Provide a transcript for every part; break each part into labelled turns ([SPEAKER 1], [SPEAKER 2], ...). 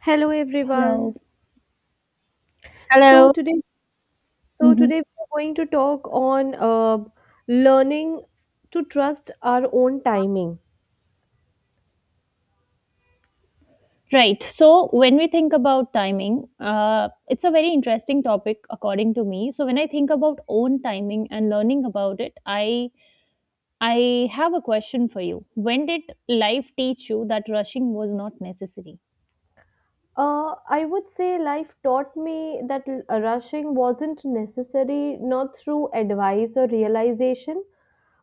[SPEAKER 1] Hello,
[SPEAKER 2] Hello.
[SPEAKER 1] everyone. So
[SPEAKER 3] Hello.
[SPEAKER 1] today, so
[SPEAKER 2] hmm
[SPEAKER 1] today we are going to talk on learning to trust our own timing.
[SPEAKER 2] Right. So when we think about timing, it's a very interesting topic according to me. So when I think about own timing and learning about it, I have a question for you. When did life teach you that rushing was not necessary?
[SPEAKER 1] I would say life taught me that rushing wasn't necessary, not through advice or realization,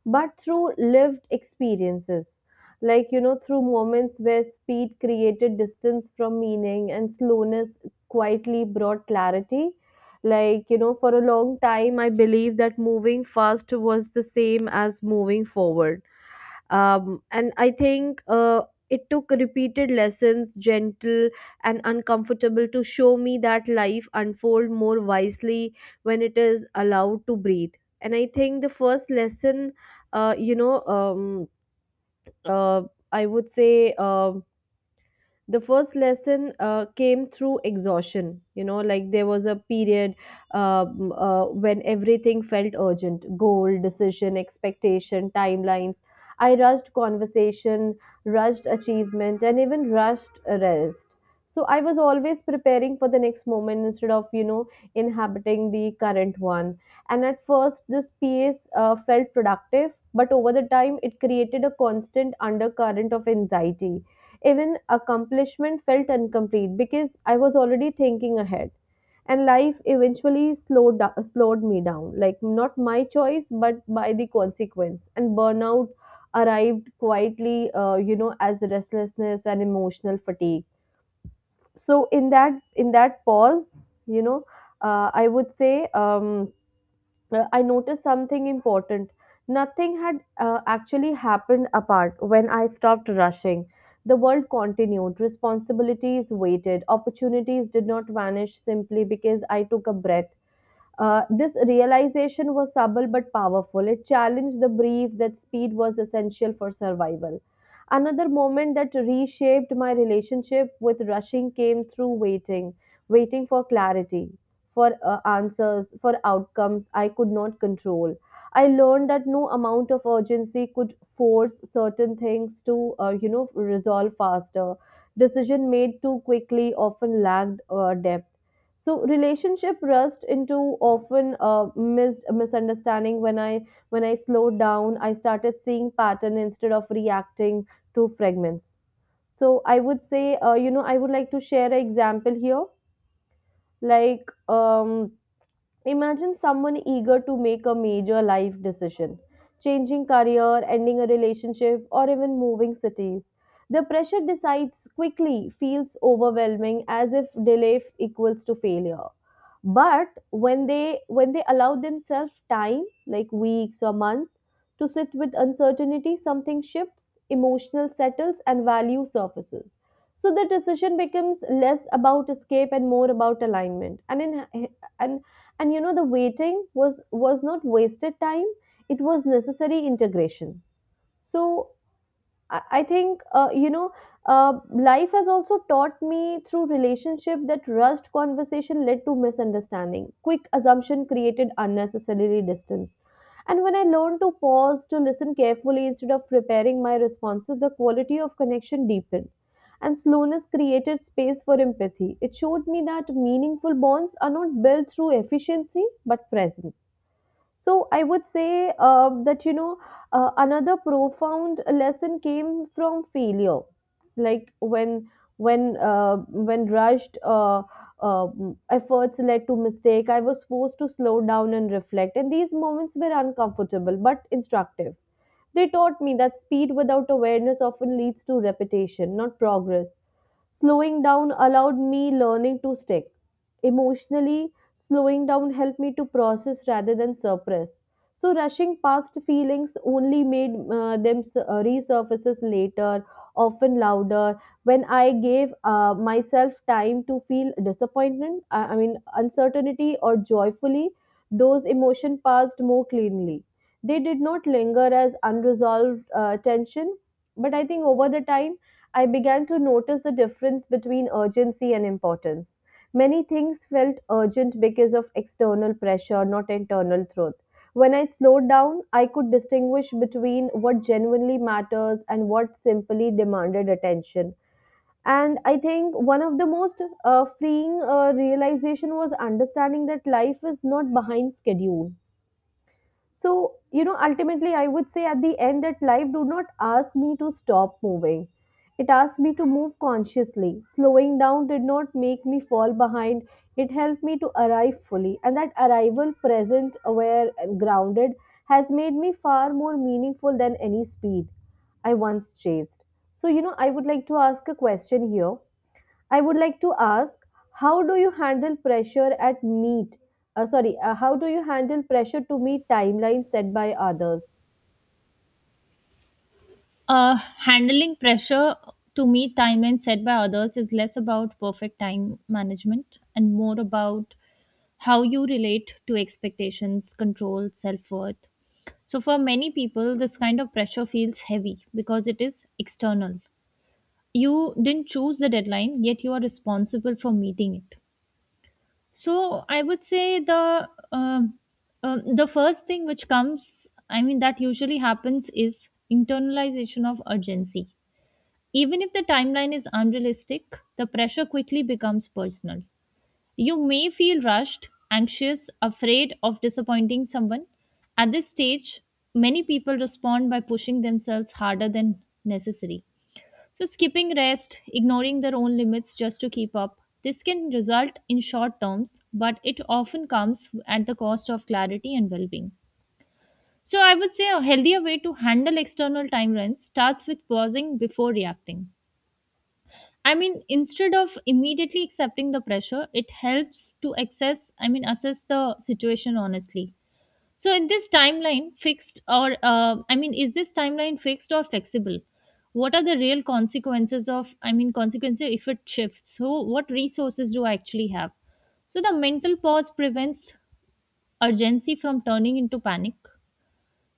[SPEAKER 1] but through lived experiences. Like, you know, through moments where speed created distance from meaning and slowness quietly brought clarity. Like, you know, for a long time, I believed that moving fast was the same as moving forward and I think it took repeated lessons, gentle and uncomfortable, to show me that life unfold more wisely when it is allowed to breathe. And I think the first lesson you know uh, I would say the first lesson came through exhaustion. You know, like, there was a period when everything felt urgent: goal, decision, expectation, timelines. I rushed conversation, rushed achievement, and even rushed rest. So I was always preparing for the next moment instead of, you know, inhabiting the current one. And at first this pace felt productive, but over the time it created a constant undercurrent of anxiety. Even accomplishment felt incomplete because I was already thinking ahead. And life eventually slowed, slowed me down. Like, not my choice, but by the consequence. And burnout arrived quietly, you know, as restlessness and emotional fatigue. So, in that pause, you know, uh, I would say, um, I noticed something important. Nothing had actually happened apart when I stopped rushing. The world continued, responsibilities waited, opportunities did not vanish simply because I took a breath. This realization was subtle but powerful. It challenged the belief that speed was essential for survival. Another moment that reshaped my relationship with rushing came through waiting, waiting for clarity, for answers, for outcomes I could not control. I learned that no amount of urgency could force certain things to, you know, resolve faster. Decision made too quickly often lacked depth, so relationship rust into often missed misunderstanding. When I slowed down, I started seeing pattern instead of reacting to fragments. So I would say, you know, I would like to share an example here, like, imagine someone eager to make a major life decision, changing career, ending a relationship, or even moving cities. The pressure decides quickly feels overwhelming, as if equals to failure. But when they allow themselves time, like weeks or months, to sit with uncertainty, something shifts, emotional settles, and value surfaces. So the decision becomes less about escape and more about alignment. And in and and you know, the waiting was not wasted time, it was necessary integration. So I think, you know, life has also taught me through relationship that rushed conversation led to misunderstanding. Quick assumption created unnecessarily distance. And when I learned to pause, to listen carefully instead of preparing my responses, the quality of connection deepened. And slowness created space for empathy. It showed me that meaningful bonds are not built through efficiency but presence. So I would say, that, you know, another profound lesson came from failure, like when rushed uh, efforts led to mistake. I was forced to slow down and reflect, and these moments were uncomfortable but instructive. They taught me that speed without awareness often leads to repetition, not progress. Slowing down allowed me learning to stick. Emotionally, slowing down helped me to process rather than suppress. So rushing past feelings only made them resurfaces later, often louder. When I gave myself time to feel disappointment, I mean, uncertainty or joyfully, those emotion passed more cleanly. They did not linger as unresolved tension. But I think over the time, I began to notice the difference between urgency and importance. Many things felt urgent because of external pressure, not internal truth. When I slowed down, I could distinguish between what genuinely matters and what simply demanded attention. And I think one of the most freeing realization was understanding that life is not behind schedule. So, you know, ultimately, I would say at the end that life do not ask me to stop moving. It asked me to move consciously. Slowing down did not make me fall behind. It helped me to arrive fully. And that arrival, present, aware, and grounded, has made me far more meaningful than any speed I once chased. So, you know, I would like to ask a question here, I would like to ask, how do you handle pressure at meet? Sorry, how do you handle pressure to meet timelines set by others?
[SPEAKER 2] Uh, handling pressure to meet timelines set by others is less about perfect time management and more about how you relate to expectations, control, self worth. So, for many people, this kind of pressure feels heavy because it is external. You didn't choose the deadline, yet you are responsible for meeting it. So, I would say the first thing which comes, I mean, that usually happens is internalization of urgency. Even if the timeline is unrealistic, the pressure quickly becomes personal. You may feel rushed, anxious, afraid of disappointing someone. At this stage, many people respond by pushing themselves harder than necessary. So, skipping rest, ignoring their own limits just to keep up, this can result in short terms, but it often comes at the cost of clarity and well being. So, I would say a healthier way to handle external timelines starts with pausing before reacting. I mean, instead of immediately accepting the pressure, it helps to access, I mean, assess the situation honestly. So, in this timeline, fixed I mean, is this timeline fixed or flexible? What are the real consequences of, I mean, consequences if it shifts? So, what resources do I actually have? So, the mental pause prevents urgency from turning into panic.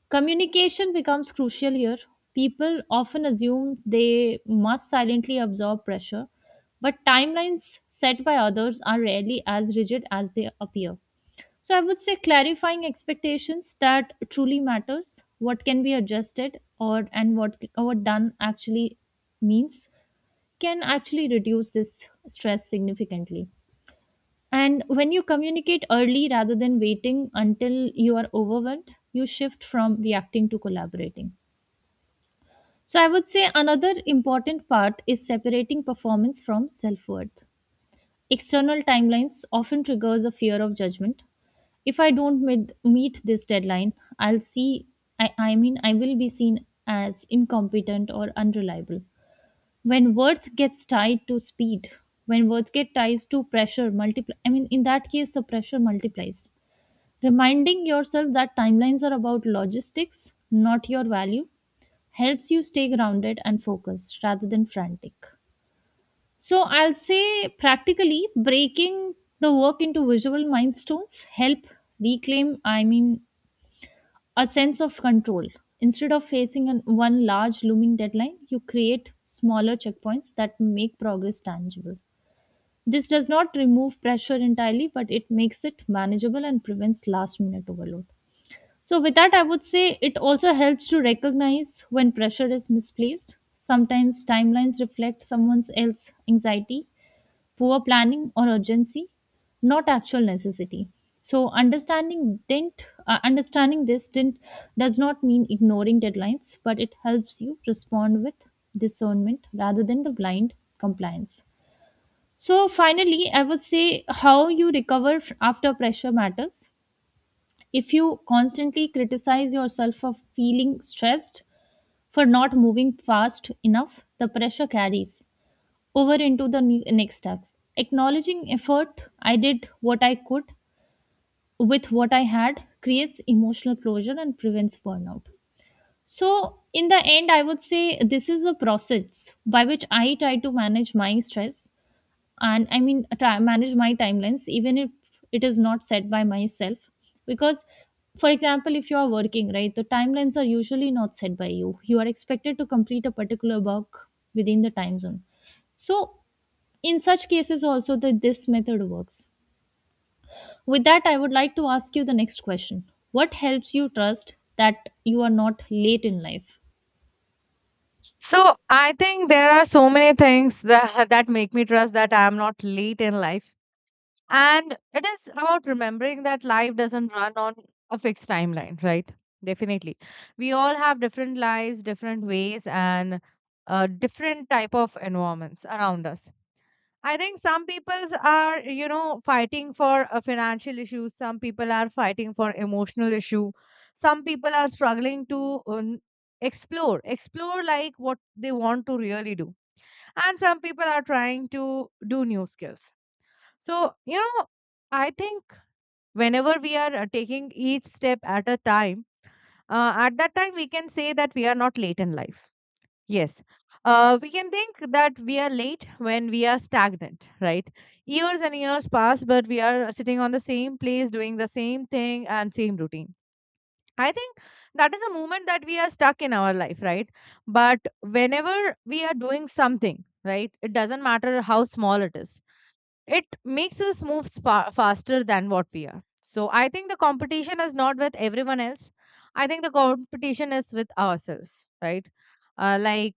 [SPEAKER 2] Communication becomes crucial here. People often assume they must silently absorb pressure, but timelines set by others are rarely as rigid as they appear. So I would say clarifying expectations that truly matters, what can be adjusted or and what done actually means can actually reduce this stress significantly. And when you communicate early rather than waiting until you are overwhelmed, you shift from reacting to collaborating. So I would say another important part is separating performance from self-worth. External timelines often triggers a fear of judgment. If I don't meet this deadline, I'll see I mean I will be seen as incompetent or unreliable. When worth gets tied to speed, when worth get ties to pressure multiply I mean in that case the pressure multiplies. Reminding yourself that timelines are about logistics, not your value helps you stay grounded and focused rather than frantic. So I'll say practically breaking the work into visual milestones help reclaim I mean a sense of control. Instead of facing one large looming deadline, you create smaller checkpoints that make progress tangible. This does not remove pressure entirely, but it makes it manageable and prevents last minute overload. So, with that, I would say it also helps to recognize when pressure is misplaced. Sometimes timelines reflect someone else's anxiety, poor planning, or urgency, not actual necessity. So, understanding this didn't does not mean ignoring deadlines, but it helps you respond with discernment rather than the blind compliance. So, finally, I would say how you recover after pressure matters if you constantly criticize yourself for feeling stressed, for not moving fast enough, the pressure carries over into the next steps. Acknowledging effort, I did what I could with what I had, creates emotional closure and prevents burnout. So, in the end, I would say this is a process by which I try to manage my stress and manage my timelines even if it is not set by myself because, for example, if you are working, right, the timelines are usually not set by you. You are expected to complete a particular work within the time zone. So in such cases also that this method works. With that, I would like to ask you the next question. What helps you trust that you are not late in life?
[SPEAKER 3] So I think there are so many things that, that make me trust that I am not late in life. And it is about remembering that life doesn't run on a fixed timeline, right? Definitely. We all have different lives, different ways, and different type of environments around us. I think some people are, you know, fighting for a financial issue. Some people are fighting for emotional issue. Some people are struggling to explore like what they want to really do. And some people are trying to do new skills. So, you know, I think whenever we are taking each step at a time, at that time we can say that we are not late in life. Yes. We can think that we are late when we are stagnant, right? Years and years pass, but we are sitting on the same place, doing the same thing and same routine. I think that is a moment that we are stuck in our life, right? But whenever we are doing something, right, it doesn't matter how small it is, it makes us move faster than what we are. So I think the competition is not with everyone else. I think the competition is with ourselves, right? Like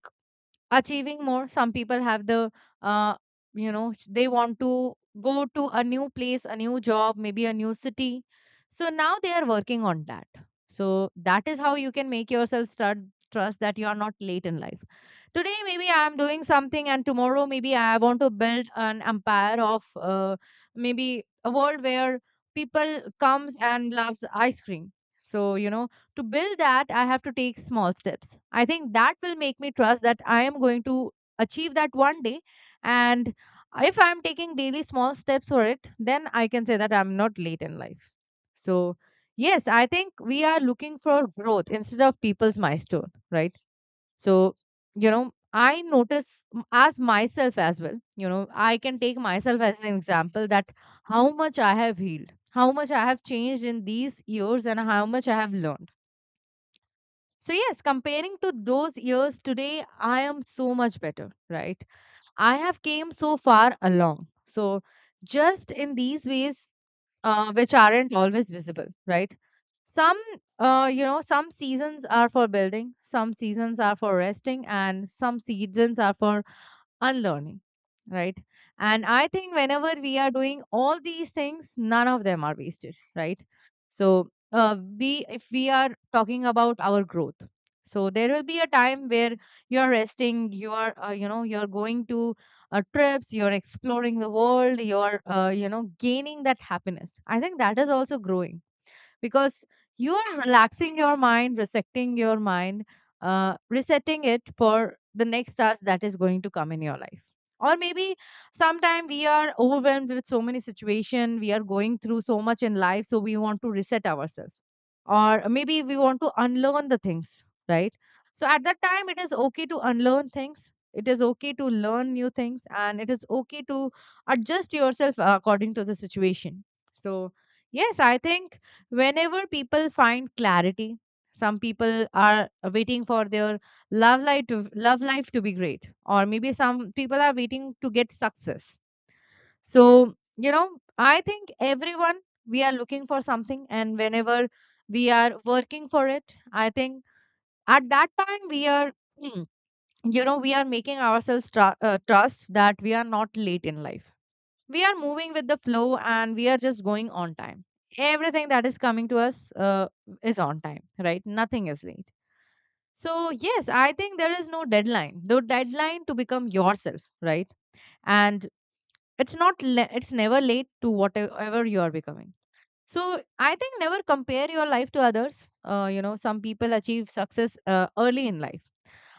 [SPEAKER 3] achieving more, some people have the uh, you know, they want to go to a new place, a new job, maybe a new city, so now they are working on that. So that is how you can make yourself start, trust that you are not late in life. Today maybe I am doing something, and tomorrow maybe I want to build an empire of maybe a world where people comes and loves ice cream. So, you know, to build that I have to take small steps. I think that will make me trust that I am going to achieve that one day. And if I'm taking daily small steps for it, then I can say that I'm not late in life. So yes, I think we are looking for growth instead of people's milestone, right? So, you know, I notice as myself as well. You know, I can take myself as an example, that how much I have healed, how much I have changed in these years, and how much I have learned. So, yes, comparing to those years today, I am so much better, right? I have came so far along. So, just in these ways, which aren't always visible, right? Some, you know, some seasons are for building, some seasons are for resting, and some seasons are for unlearning, right? And I think whenever we are doing all these things, none of them are wasted, right? So we, if we are talking about our growth, so there will be a time where you're resting, you are you know, you're going to trips, you're exploring the world, you're you know, gaining that happiness. I think that is also growing, because you are relaxing your mind, resetting your mind, resetting it for the next task that is going to come in your life. Or maybe sometime we are overwhelmed with so many situation, we are going through so much in life, so we want to reset ourselves, or maybe we want to unlearn the things, right? So at that time, it is okay to unlearn things, it is okay to learn new things, and it is okay to adjust yourself according to the situation. So yes, I think whenever people find clarity, some people are waiting for their love life to be great, or maybe some people are waiting to get success. So, you know, I think everyone, we are looking for something, and whenever we are working for it, I think at that time we are you know, we are making ourselves trust that we are not late in life. We are moving with the flow, and we are just going on time. Everything that is coming to us is on time, right? Nothing is late. So yes, I think there is no deadline, the deadline to become yourself, right? And it's not le- it's never late to whatever you are becoming. So I think never compare your life to others. Uh, you know, some people achieve success early in life.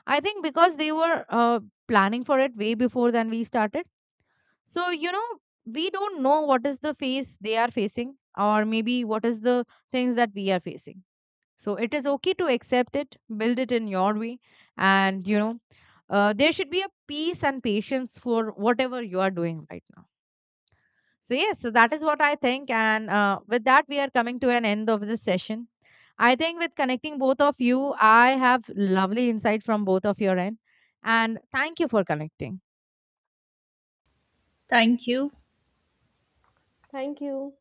[SPEAKER 3] I think because they were planning for it way before than we started. So, you know, we don't know what is the face they are facing, or maybe what is the things that we are facing. So, it is okay to accept it, build it in your way, and you know, there should be a peace and patience for whatever you are doing right now. So, yes, so that is what I think. And with that, we are coming to an end of this session. I think with connecting both of you, I have lovely insight from both of your end. And thank you for connecting.
[SPEAKER 2] Thank you.
[SPEAKER 1] Thank you.